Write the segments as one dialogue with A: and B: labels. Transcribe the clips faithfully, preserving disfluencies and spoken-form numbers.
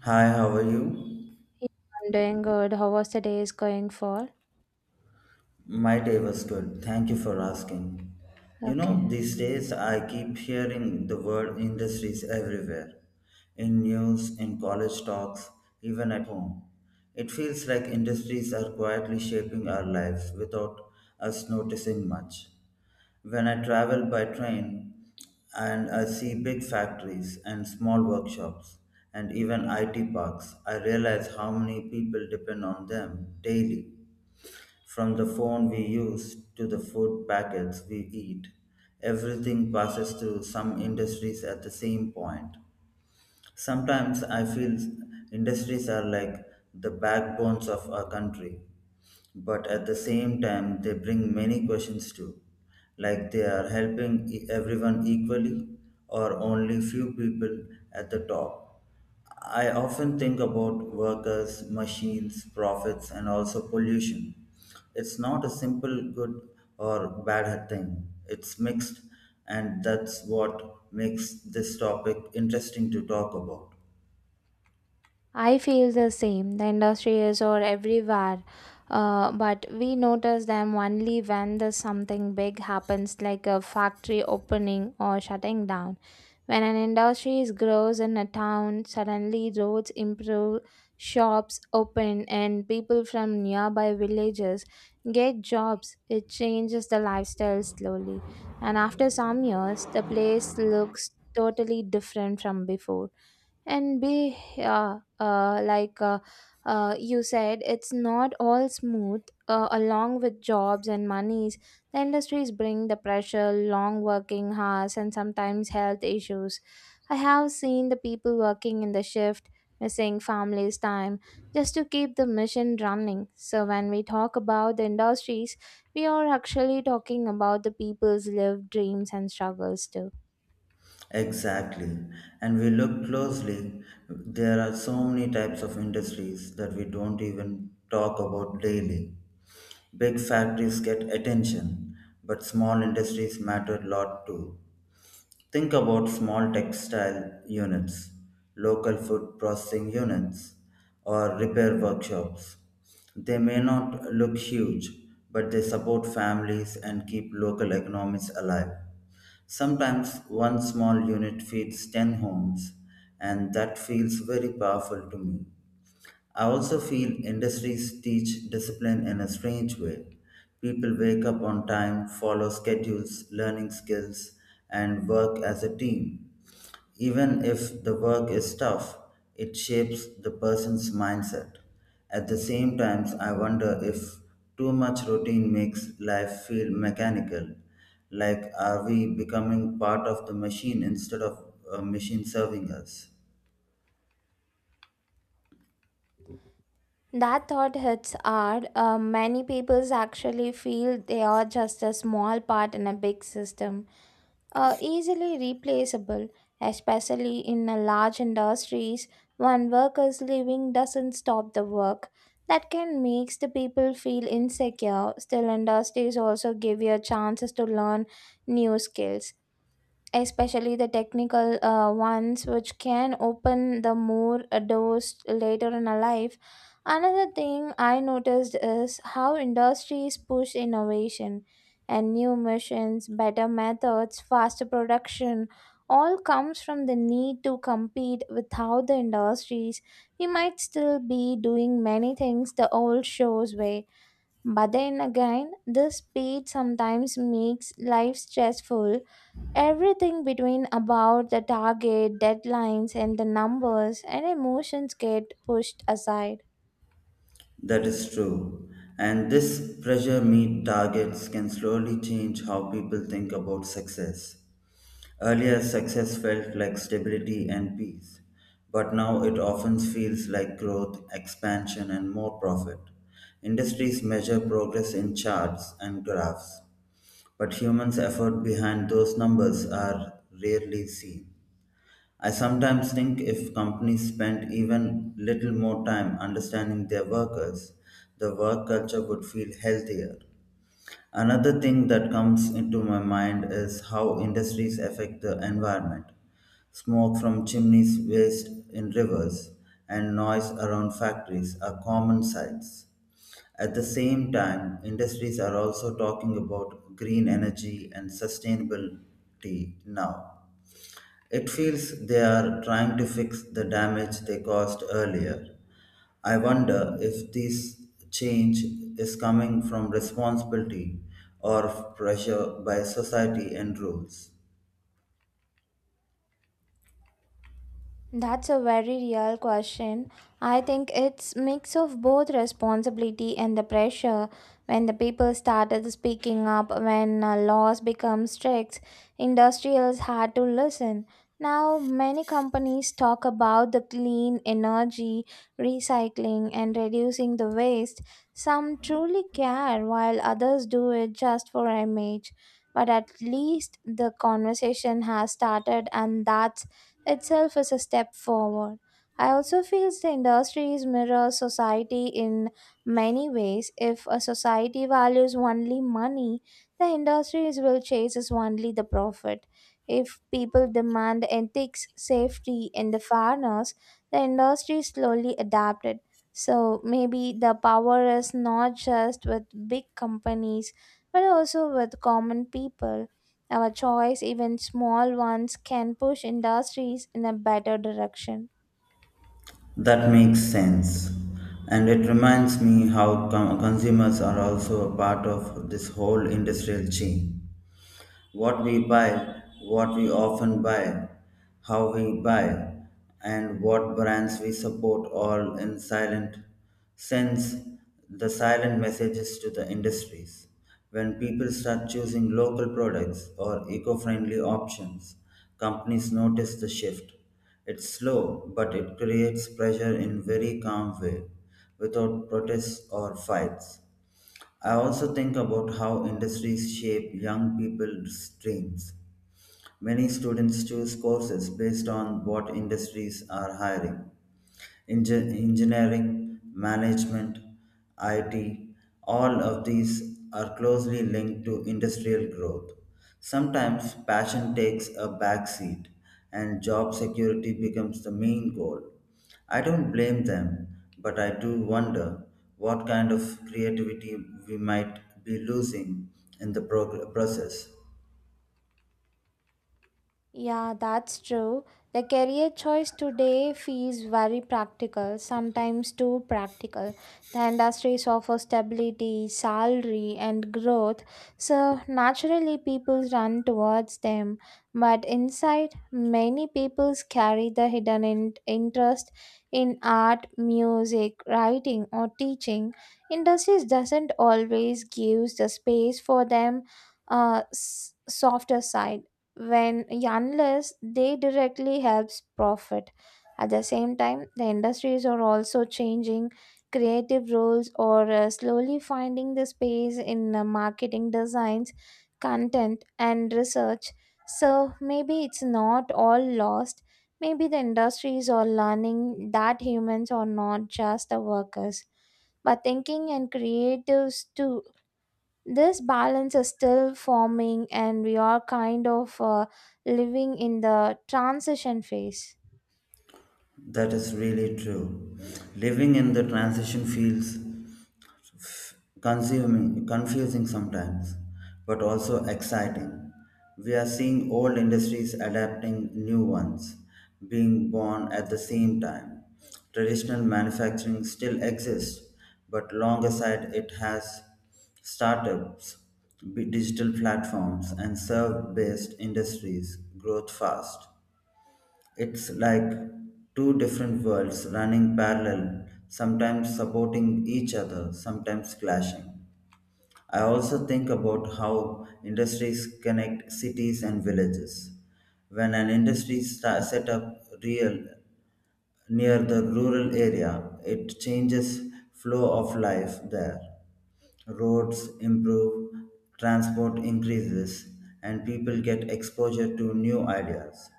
A: Hi, how are you?
B: Yeah, I'm doing good. How was the day is going for?
A: My day was good. Thank you for asking. You know,
B: Okay.
A: these days I keep hearing the word industries everywhere in news, in college talks, even at home. It feels like industries are quietly shaping our lives without us noticing much. When I travel by train and I see big factories and small workshops and even I T parks, I realize how many people depend on them daily. From the phone we use to the food packets we eat, everything passes through some industries at the same point. Sometimes I feel industries are like the backbones of our country, but at the same time they bring many questions too, like they are helping e- everyone equally or only few people at the top. I often think about workers, machines, profits and also pollution. It's not a simple good or bad thing, it's mixed, and that's what makes this topic interesting to talk about.
B: I feel the same. The industry is or everywhere, uh, but we notice them only when there's something big happens, like a factory opening or shutting down. When an industry grows in a town, suddenly roads improve, shops open, and people from nearby villages get jobs. It changes the lifestyle slowly. And after some years, the place looks totally different from before and be uh, uh, like uh, uh, you said it's not all smooth. Uh, along with jobs and monies, the industries bring the pressure, long working hours, and sometimes health issues. I have seen the people working in the shift, missing families time, just to keep the mission running. So when we talk about the industries, we are actually talking about the people's lived dreams and struggles too.
A: Exactly. And we look closely, there are so many types of industries that we don't even talk about daily. Big factories get attention, but small industries matter a lot too. Think about small textile units, local food processing units, or repair workshops. They may not look huge, but they support families and keep local economies alive. Sometimes one small unit feeds ten homes, and that feels very powerful to me. I also feel industries teach discipline in a strange way. People wake up on time, follow schedules, learning skills, and work as a team. Even if the work is tough, it shapes the person's mindset. At the same time, I wonder if too much routine makes life feel mechanical. Like, are we becoming part of the machine instead of a machine serving us?
B: That thought hits hard. Uh, many peoples actually feel they are just a small part in a big system, uh, easily replaceable, especially in a large industries. One worker's leaving doesn't stop the work. That can makes the people feel insecure. Still, industries also give you chances to learn new skills, especially the technical uh, ones, which can open the more uh, doors later in a life. Another thing I noticed is how industries push innovation and new machines, better methods, faster production, all comes from the need to compete. Without the industries, we might still be doing many things the old shows way. But then again, this speed sometimes makes life stressful. Everything between about the target, deadlines, and the numbers, and emotions get pushed aside.
A: That is true. And this pressure meet targets can slowly change how people think about success. Earlier, success felt like stability and peace, but now it often feels like growth, expansion, and more profit. Industries measure progress in charts and graphs, but humans' effort behind those numbers are rarely seen. I sometimes think if companies spent even little more time understanding their workers, the work culture would feel healthier. Another thing that comes into my mind is how industries affect the environment. Smoke from chimneys, waste in rivers, and noise around factories are common sights. At the same time, industries are also talking about green energy and sustainability now. It feels they are trying to fix the damage they caused earlier. I wonder if this change is coming from responsibility or pressure by society and rules.
B: That's a very real question. I think it's mix of both responsibility and the pressure. When the people started speaking up, when uh, laws become strict, industrials had to listen. Now many companies talk about the clean energy, recycling, and reducing the waste. Some truly care while others do it just for image. But at least the conversation has started, and that's itself is a step forward. I also feel the industries mirror society in many ways. If a society values only money, the industries will chase is only the profit. If people demand ethics, safety, and the fairness, the industry slowly adapted. So maybe the power is not just with big companies, but also with common people. Our choice, even small ones, can push industries in a better direction.
A: That makes sense. And it reminds me how com- consumers are also a part of this whole industrial chain. What we buy, what we often buy, how we buy, and what brands we support all in silent sends the silent messages to the industries. When people start choosing local products or eco friendly options, companies notice the shift. It's slow, but it creates pressure in very calm way, without protests or fights. I also think about how industries shape young people's dreams. Many students choose courses based on what industries are hiring, engi- engineering, management, I T, all of these are closely linked to industrial growth. Sometimes passion takes a backseat and job security becomes the main goal. I don't blame them, but I do wonder what kind of creativity we might be losing in the prog- process.
B: Yeah, that's true. The career choice today feels very practical, sometimes too practical. The industries offer stability, salary, and growth, so naturally people run towards them. But inside, many people carry the hidden in- interest in art, music, writing, or teaching. Industries doesn't always gives the space for them. Uh, s- softer side, when yeah, unless they directly helps profit. At the same time, the industries are also changing. Creative roles or uh, slowly finding the space in uh, marketing, designs, content, and research. So maybe it's not all lost. Maybe the industries are learning that humans are not just the workers, but thinking and creatives too. This balance is still forming, and we are kind of uh, living in the transition phase.
A: That is really true. Living in the transition feels consuming, confusing sometimes, but also exciting. We are seeing old industries adapting new ones, being born at the same time. Traditional manufacturing still exists, but alongside it has startups, b- digital platforms, and serve based industries growth fast. It's like two different worlds running parallel, sometimes supporting each other, sometimes clashing. I also think about how industries connect cities and villages. When an industry sta set up real near the rural area, it changes flow of life there. Roads improve, transport increases, and people get exposure to new ideas.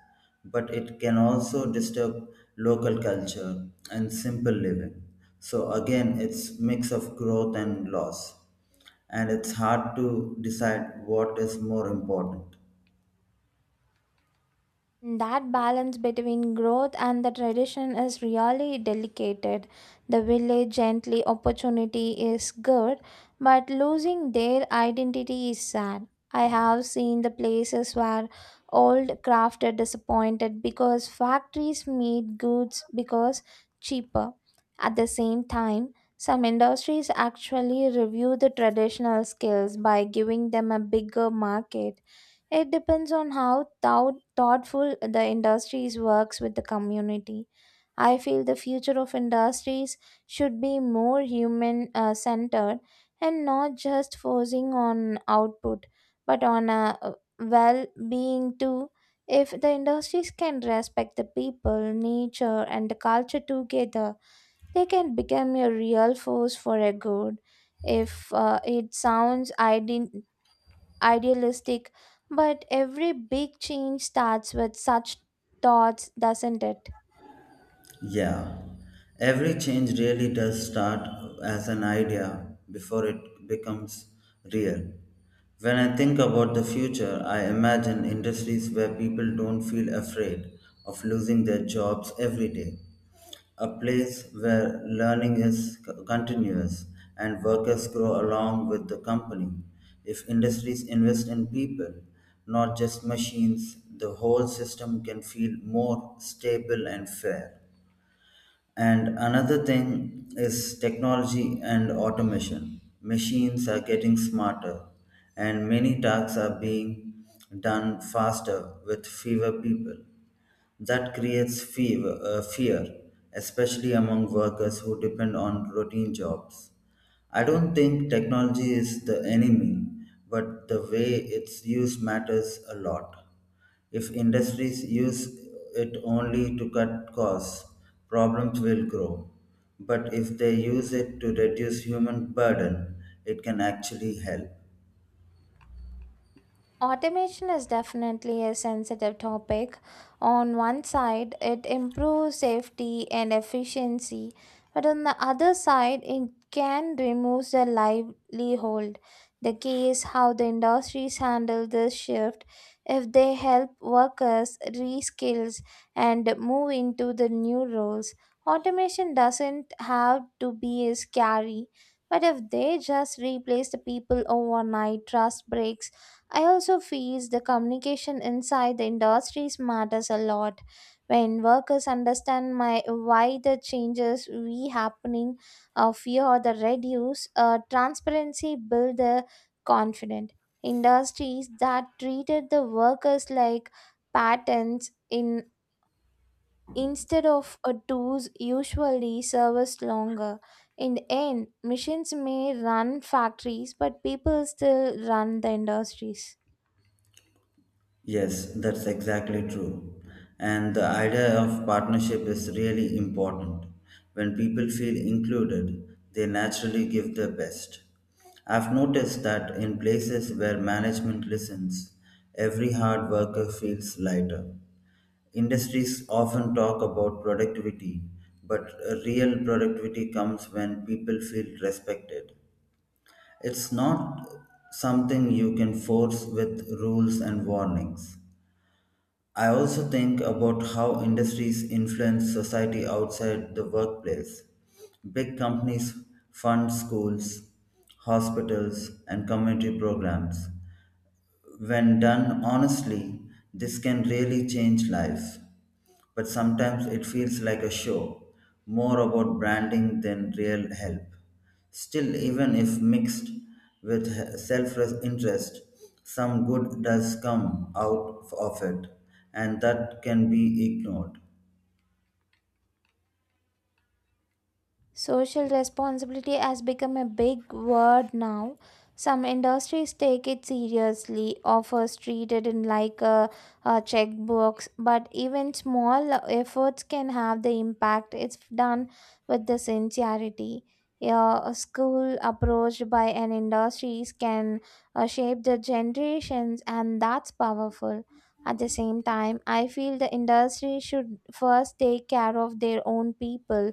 A: But it can also disturb local culture and simple living. So again, it's mix of growth and loss, and it's hard to decide what is more important.
B: That balance between growth and the tradition is really delicate. The village gently opportunity is good, but losing their identity is sad. I have seen the places where old craft are disappointed because factories made goods because cheaper. At the same time, some industries actually review the traditional skills by giving them a bigger market. It depends on how thou- thoughtful the industries works with the community. I feel the future of industries should be more human uh, centered, and not just forcing on output, but on a uh, well-being too. If the industries can respect the people, nature, and the culture together, they can become a real force for a good. If uh, It sounds idyllic idealistic, but every big change starts with such thoughts, doesn't it?
A: Yeah, every change really does start as an idea before it becomes real. When I think about the future, I imagine industries where people don't feel afraid of losing their jobs every day. A place where learning is c- continuous and workers grow along with the company. If industries invest in people, not just machines, the whole system can feel more stable and fair. And another thing is technology and automation. Machines are getting smarter, and many tasks are being done faster with fewer people. That creates fear, uh, fear, especially among workers who depend on routine jobs. I don't think technology is the enemy, but the way it's used matters a lot. If industries use it only to cut costs, problems will grow. But if they use it to reduce human burden, it can actually help.
B: Automation is definitely a sensitive topic. On one side, it improves safety and efficiency, but on the other side, it can remove the livelihood. The key is how the industries handle this shift. If they help workers reskills and move into the new roles, automation doesn't have to be as scary. But if they just replace the people overnight, trust breaks. I also feel the communication inside the industries matters a lot. When workers understand my why the changes we happening, uh, fear or the reduce, uh, transparency build the confident. Industries that treated the workers like patents in instead of a tools usually service longer. In the end, machines may run factories, but people still run the industries.
A: Yes, that's exactly true. And the idea of partnership is really important. When people feel included, they naturally give their best. I've noticed that in places where management listens, every hard worker feels lighter. Industries often talk about productivity, but real productivity comes when people feel respected. It's not something you can force with rules and warnings. I also think about how industries influence society outside the workplace. Big companies fund schools, hospitals, and community programs. When done honestly, this can really change lives, but sometimes it feels like a show, more about branding than real help. Still, even if mixed with self interest, some good does come out of it, and that can be ignored.
B: Social responsibility has become a big word now. Some industries take it seriously, offers treated in like a, a checkbox, but even small efforts can have the impact if done with the sincerity. Yeah, a school approached by an industries can uh, shape the generations, and that's powerful. At the same time, I feel the industry should first take care of their own people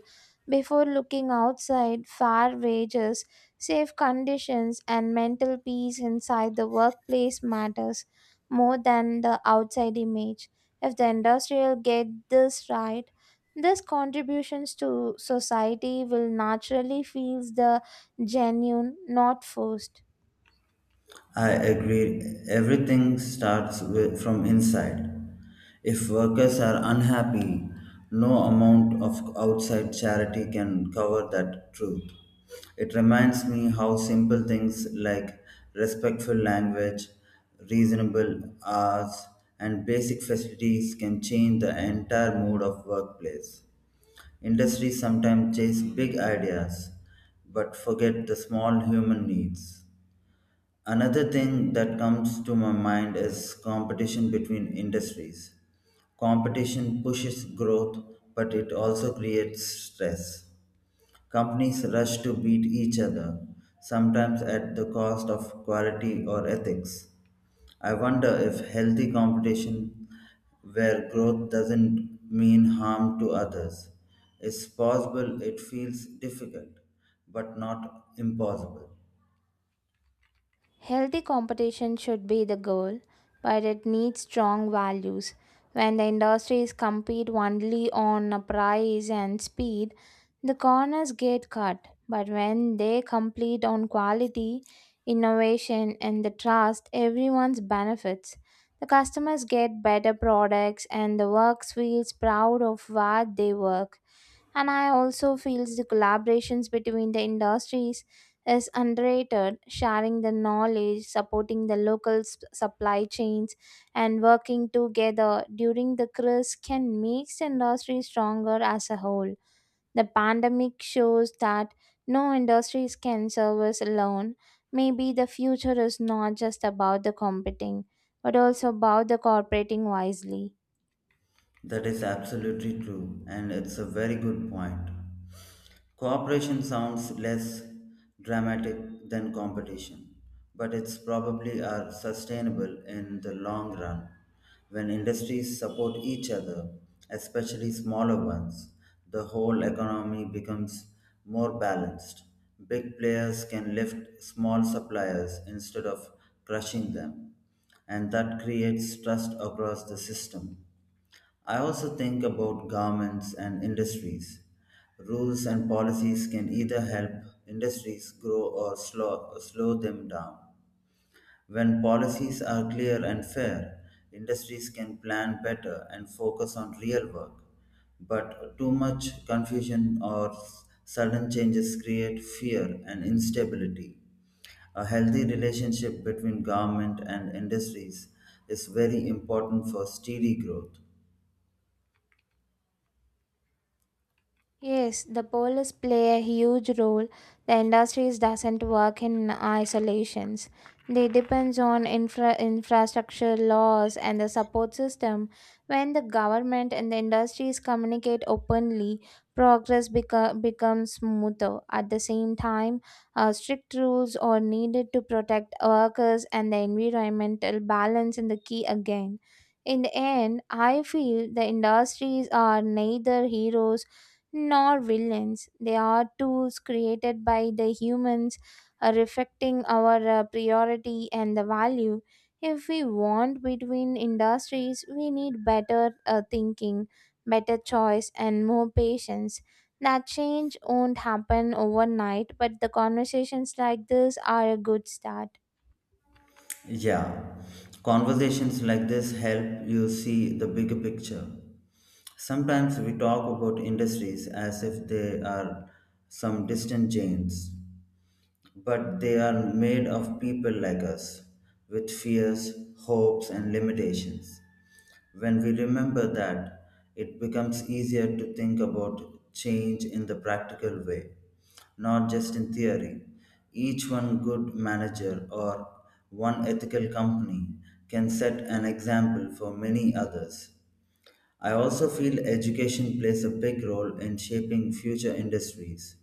B: before looking outside. Fair wages, safe conditions, and mental peace inside the workplace matters more than the outside image. If the industrial get this right, these contributions to society will naturally feel the genuine, not forced.
A: I agree. Everything starts with, from inside. If workers are unhappy, no amount of outside charity can cover that truth. It reminds me how simple things like respectful language, reasonable hours, and basic facilities can change the entire mood of workplace. Industries sometimes chase big ideas but forget the small human needs. Another thing that comes to my mind is competition between industries. Competition pushes growth, but it also creates stress. Companies rush to beat each other, sometimes at the cost of quality or ethics. I wonder if healthy competition, where growth doesn't mean harm to others, is possible. It feels difficult, but not impossible.
B: Healthy competition should be the goal, but it needs strong values. When the industries compete only on a price and speed, the corners get cut. But when they compete on quality, innovation, and the trust, everyone's benefits. The customers get better products, and the works feels proud of what they work. And I also feel the collaborations between the industries is underrated. Sharing the knowledge, supporting the local s- supply chains, and working together during the crisis can make the industry stronger as a whole. The pandemic shows that no industries can service alone. Maybe the future is not just about the competing, but also about the cooperating wisely.
A: That is absolutely true, and it's a very good point. Cooperation sounds less dramatic than competition, but it's probably are sustainable in the long run. When industries support each other, especially smaller ones, the whole economy becomes more balanced. Big players can lift small suppliers instead of crushing them, and that creates trust across the system. I also think about governments and industries. Rules and policies can either help industries grow or slow, slow them down. When policies are clear and fair, industries can plan better and focus on real work. But too much confusion or sudden changes create fear and instability. A healthy relationship between government and industries is very important for steady growth.
B: Yes, the polls play a huge role. The industries doesn't work in isolations. They depends on infra- infrastructure, laws, and the support system. When the government and the industries communicate openly, progress beco- becomes smoother. At the same time, uh, strict rules are needed to protect workers and the environmental balance in the key again. In the end, I feel the industries are neither heroes nor villains. They are tools created by the humans, uh, reflecting our uh, priority and the value. If we want between industries, we need better uh, thinking, better choice, and more patience. That change won't happen overnight, but the conversations like this are a good start.
A: Yeah, conversations like this help you see the bigger picture. Sometimes we talk about industries as if they are some distant giants, but they are made of people like us with fears, hopes, and limitations. When we remember that, it becomes easier to think about change in the practical way, not just in theory. Each one good manager or one ethical company can set an example for many others. I also feel education plays a big role in shaping future industries.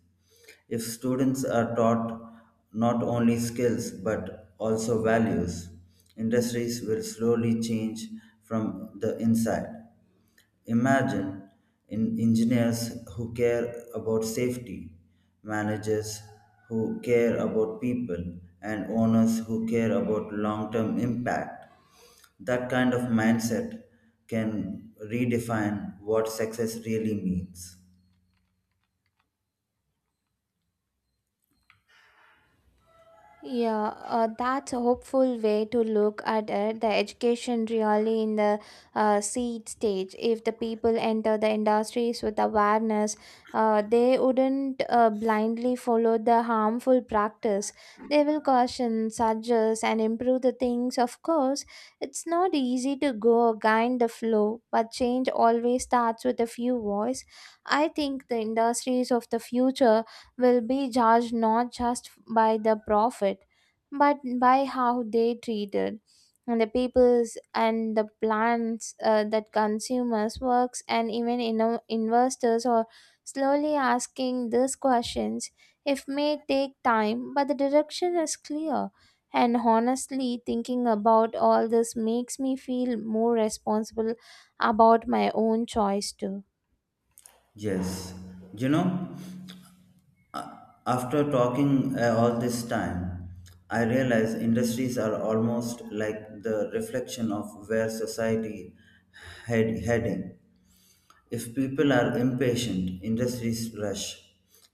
A: If students are taught not only skills but also values, industries will slowly change from the inside. Imagine in engineers who care about safety, managers who care about people, and owners who care about long term impact. That kind of mindset can redefine what success really means.
B: Yeah, uh, that's a hopeful way to look at it. The education really in the uh, seed stage. If the people enter the industries with awareness, uh, they wouldn't uh, blindly follow the harmful practice. They will caution, suggest, and improve the things. Of course, it's not easy to go against the flow, but change always starts with a few voice. I think the industries of the future will be judged not just by the profit, but by how they treated and the peoples and the plants, uh, that consumers works, and even inno- investors are slowly asking these questions. It may take time, but the direction is clear. And honestly, thinking about all this makes me feel more responsible about my own choice too.
A: Yes, you know, after talking uh, all this time, I realize industries are almost like the reflection of where society head heading. If people are impatient, industries rush.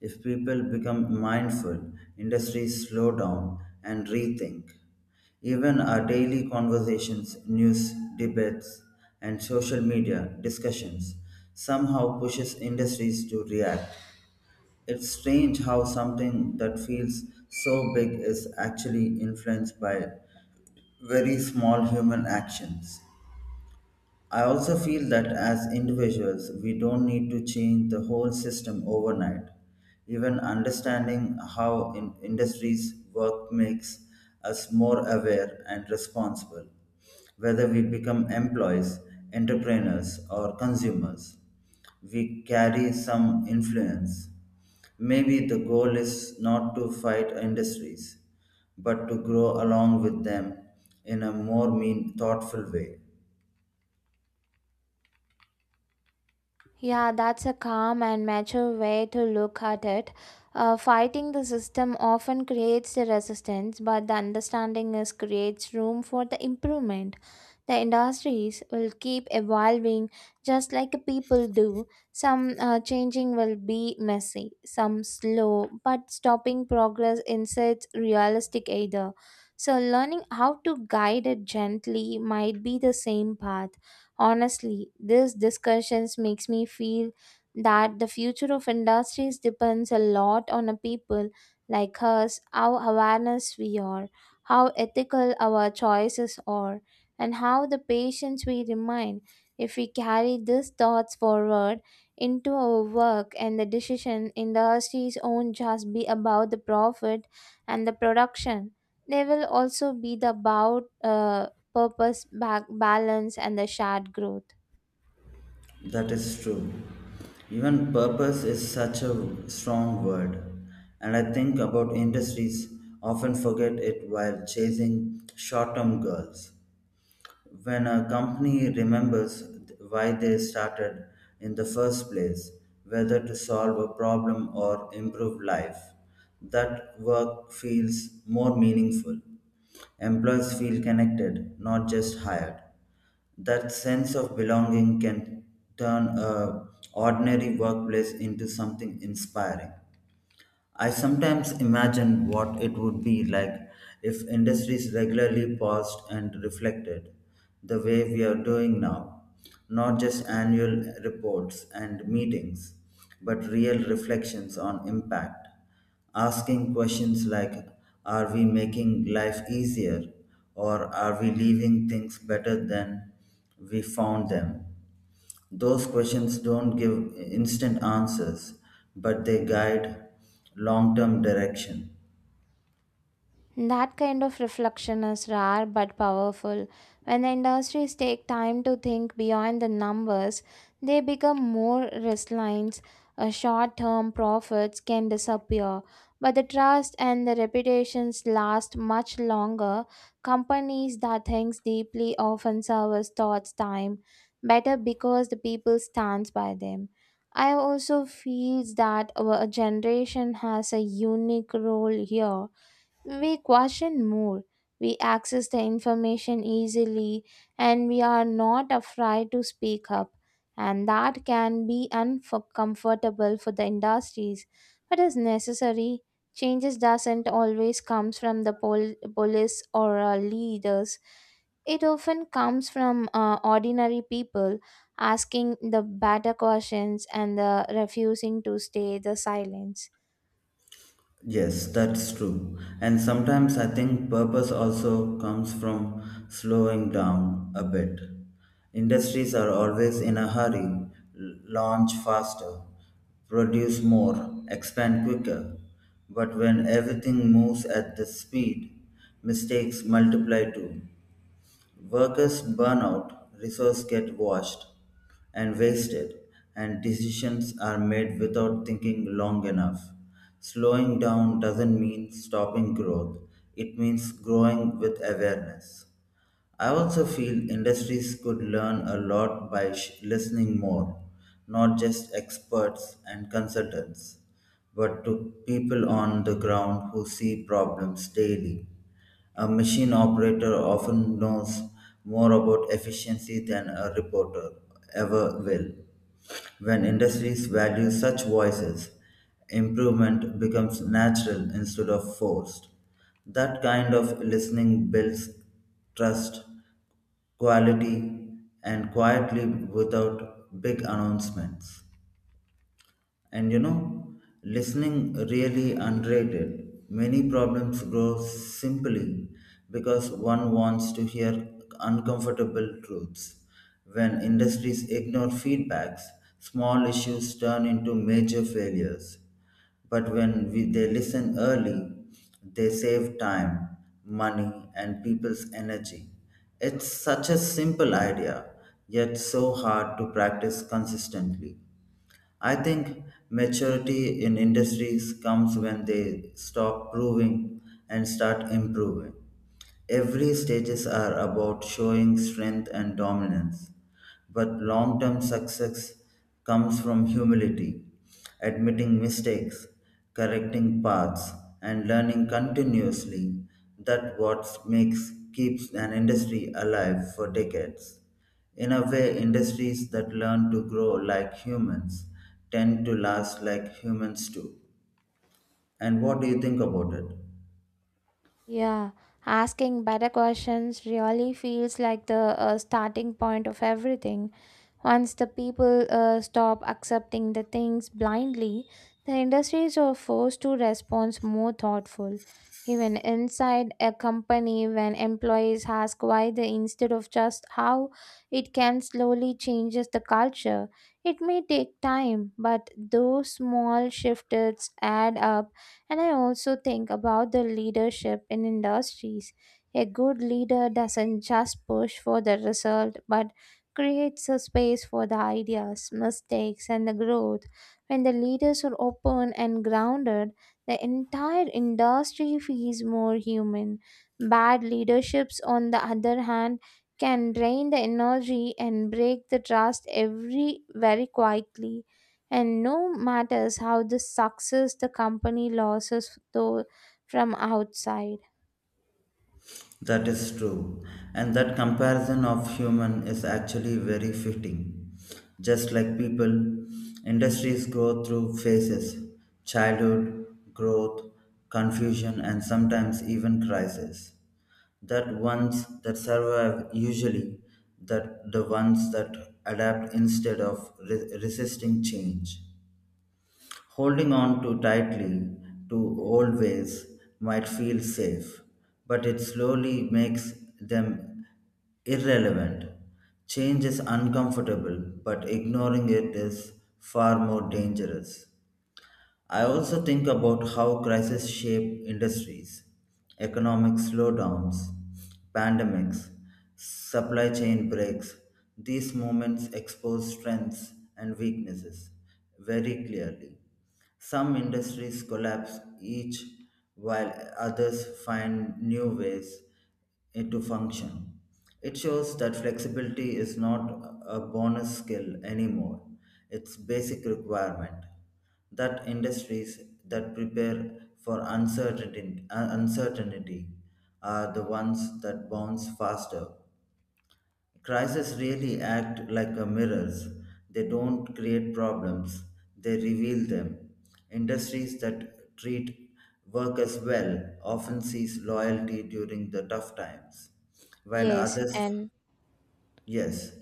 A: If people become mindful, industries slow down and rethink. Even our daily conversations, news, debates, and social media discussions somehow pushes industries to react. It's strange how something that feels so big is actually influenced by very small human actions. I also feel that as individuals, we don't need to change the whole system overnight. Even understanding how in industries work makes us more aware and responsible, whether we become employees, entrepreneurs, or consumers. We carry some influence. Maybe the goal is not to fight industries, but to grow along with them in a more mean, thoughtful way.
B: Yeah, that's a calm and mature way to look at it. Uh, fighting the system often creates the resistance, but the understanding is creates room for the improvement. The industries will keep evolving just like the people do. Some uh, changing will be messy, some slow, but stopping progress isn't realistic either. So, learning how to guide it gently might be the same path. Honestly, these discussions makes me feel that the future of industries depends a lot on a people like us, how awareness we are, how ethical our choices are, and how the patience we remain. If we carry these thoughts forward into our work and the decision, industries won't just be about the profit and the production. They will also be the about uh, purpose, ba- balance, and the shared growth.
A: That is true. Even purpose is such a strong word, and I think about industries often forget it while chasing short term goals. When a company remembers why they started in the first place, whether to solve a problem or improve life, that work feels more meaningful. Employees feel connected, not just hired. That sense of belonging can turn a ordinary workplace into something inspiring. I sometimes imagine what it would be like if industries regularly paused and reflected the way we are doing now. Not just annual reports and meetings, but real reflections on impact. Asking questions like, are we making life easier? Or are we leaving things better than we found them? Those questions don't give instant answers, but they guide long term direction.
B: That kind of reflection is rare but powerful. When the industries take time to think beyond the numbers, they become more resilient. Uh, Short term profits can disappear, but the trust and the reputations last much longer. Companies that think deeply often service thoughts time better because the people stands by them. I also feel that our generation has a unique role here. We question more, we access the information easily, and we are not afraid to speak up. And that can be uncomfortable for the industries, but is necessary. Changes doesn't always comes from the pol- police or uh, leaders. It often comes from uh, ordinary people asking the better questions and the refusing to stay the silence.
A: Yes, that's true. And sometimes I think purpose also comes from slowing down a bit. Industries are always in a hurry, l- launch faster, produce more, expand quicker. But when everything moves at this speed, mistakes multiply too. Workers burn out, resources get washed, and wasted, and decisions are made without thinking long enough. Slowing down doesn't mean stopping growth, it means growing with awareness. I also feel industries could learn a lot by sh- listening more, not just experts and consultants, but to people on the ground who see problems daily. A machine operator often knows more about efficiency than a reporter ever will. When industries value such voices, improvement becomes natural instead of forced. That kind of listening builds trust, quality, and quietly without big announcements. And you know, listening really underrated. Many problems grow simply because one wants to hear uncomfortable truths. When industries ignore feedbacks, small issues turn into major failures. But when we, they listen early, they save time, money, and people's energy. It's such a simple idea, yet so hard to practice consistently. I think maturity in industries comes when they stop proving and start improving. Every stages are about showing strength and dominance. But long term success comes from humility, admitting mistakes, correcting paths, and learning continuously. That what makes keeps an industry alive for decades. In a way, industries that learn to grow like humans tend to last like humans do. And what do you think about it?
B: Yeah, asking better questions really feels like the uh, starting point of everything. Once the people uh, stop accepting the things blindly, the industries are forced to respond more thoughtful. Even inside a company, when employees ask why they instead of just how, it can slowly changes the culture. It may take time, but those small shifts add up. And I also think about the leadership in industries. A good leader doesn't just push for the result, but creates a space for the ideas, mistakes, and the growth. When the leaders are open and grounded, the entire industry feels more human. Bad leaderships, on the other hand, can drain the energy and break the trust every very quietly. And no matters how the success the company losses though from outside.
A: That is true. And that comparison of human is actually very fitting. Just like people, industries go through phases childhood, growth, confusion, and sometimes even crisis. That ones that survive usually that the ones that adapt instead of re- resisting change. Holding on too tightly to old ways might feel safe, but it slowly makes them irrelevant. Change is uncomfortable, but ignoring it is far more dangerous. I also think about how crises shape industries, economic slowdowns, pandemics, supply chain breaks. These moments expose strengths and weaknesses very clearly. Some industries collapse each while others find new ways eh, to function. It shows that flexibility is not a bonus skill anymore, it's basic requirement that industries that prepare for uncertainty, uh, uncertainty are the ones that bounce faster. Crises really act like a mirrors. They don't create problems, they reveal them. Industries that treat workers well often sees loyalty during the tough times, while
B: Yes,
A: others,
B: and
A: yes,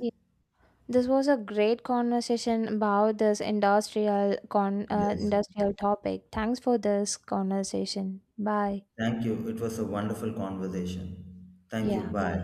B: this was a great conversation about this industrial con uh,
A: yes.
B: industrial topic. Thanks for this conversation. Bye.
A: Thank you. It was a wonderful conversation. Thank you.
B: Yeah, bye.
A: Bye.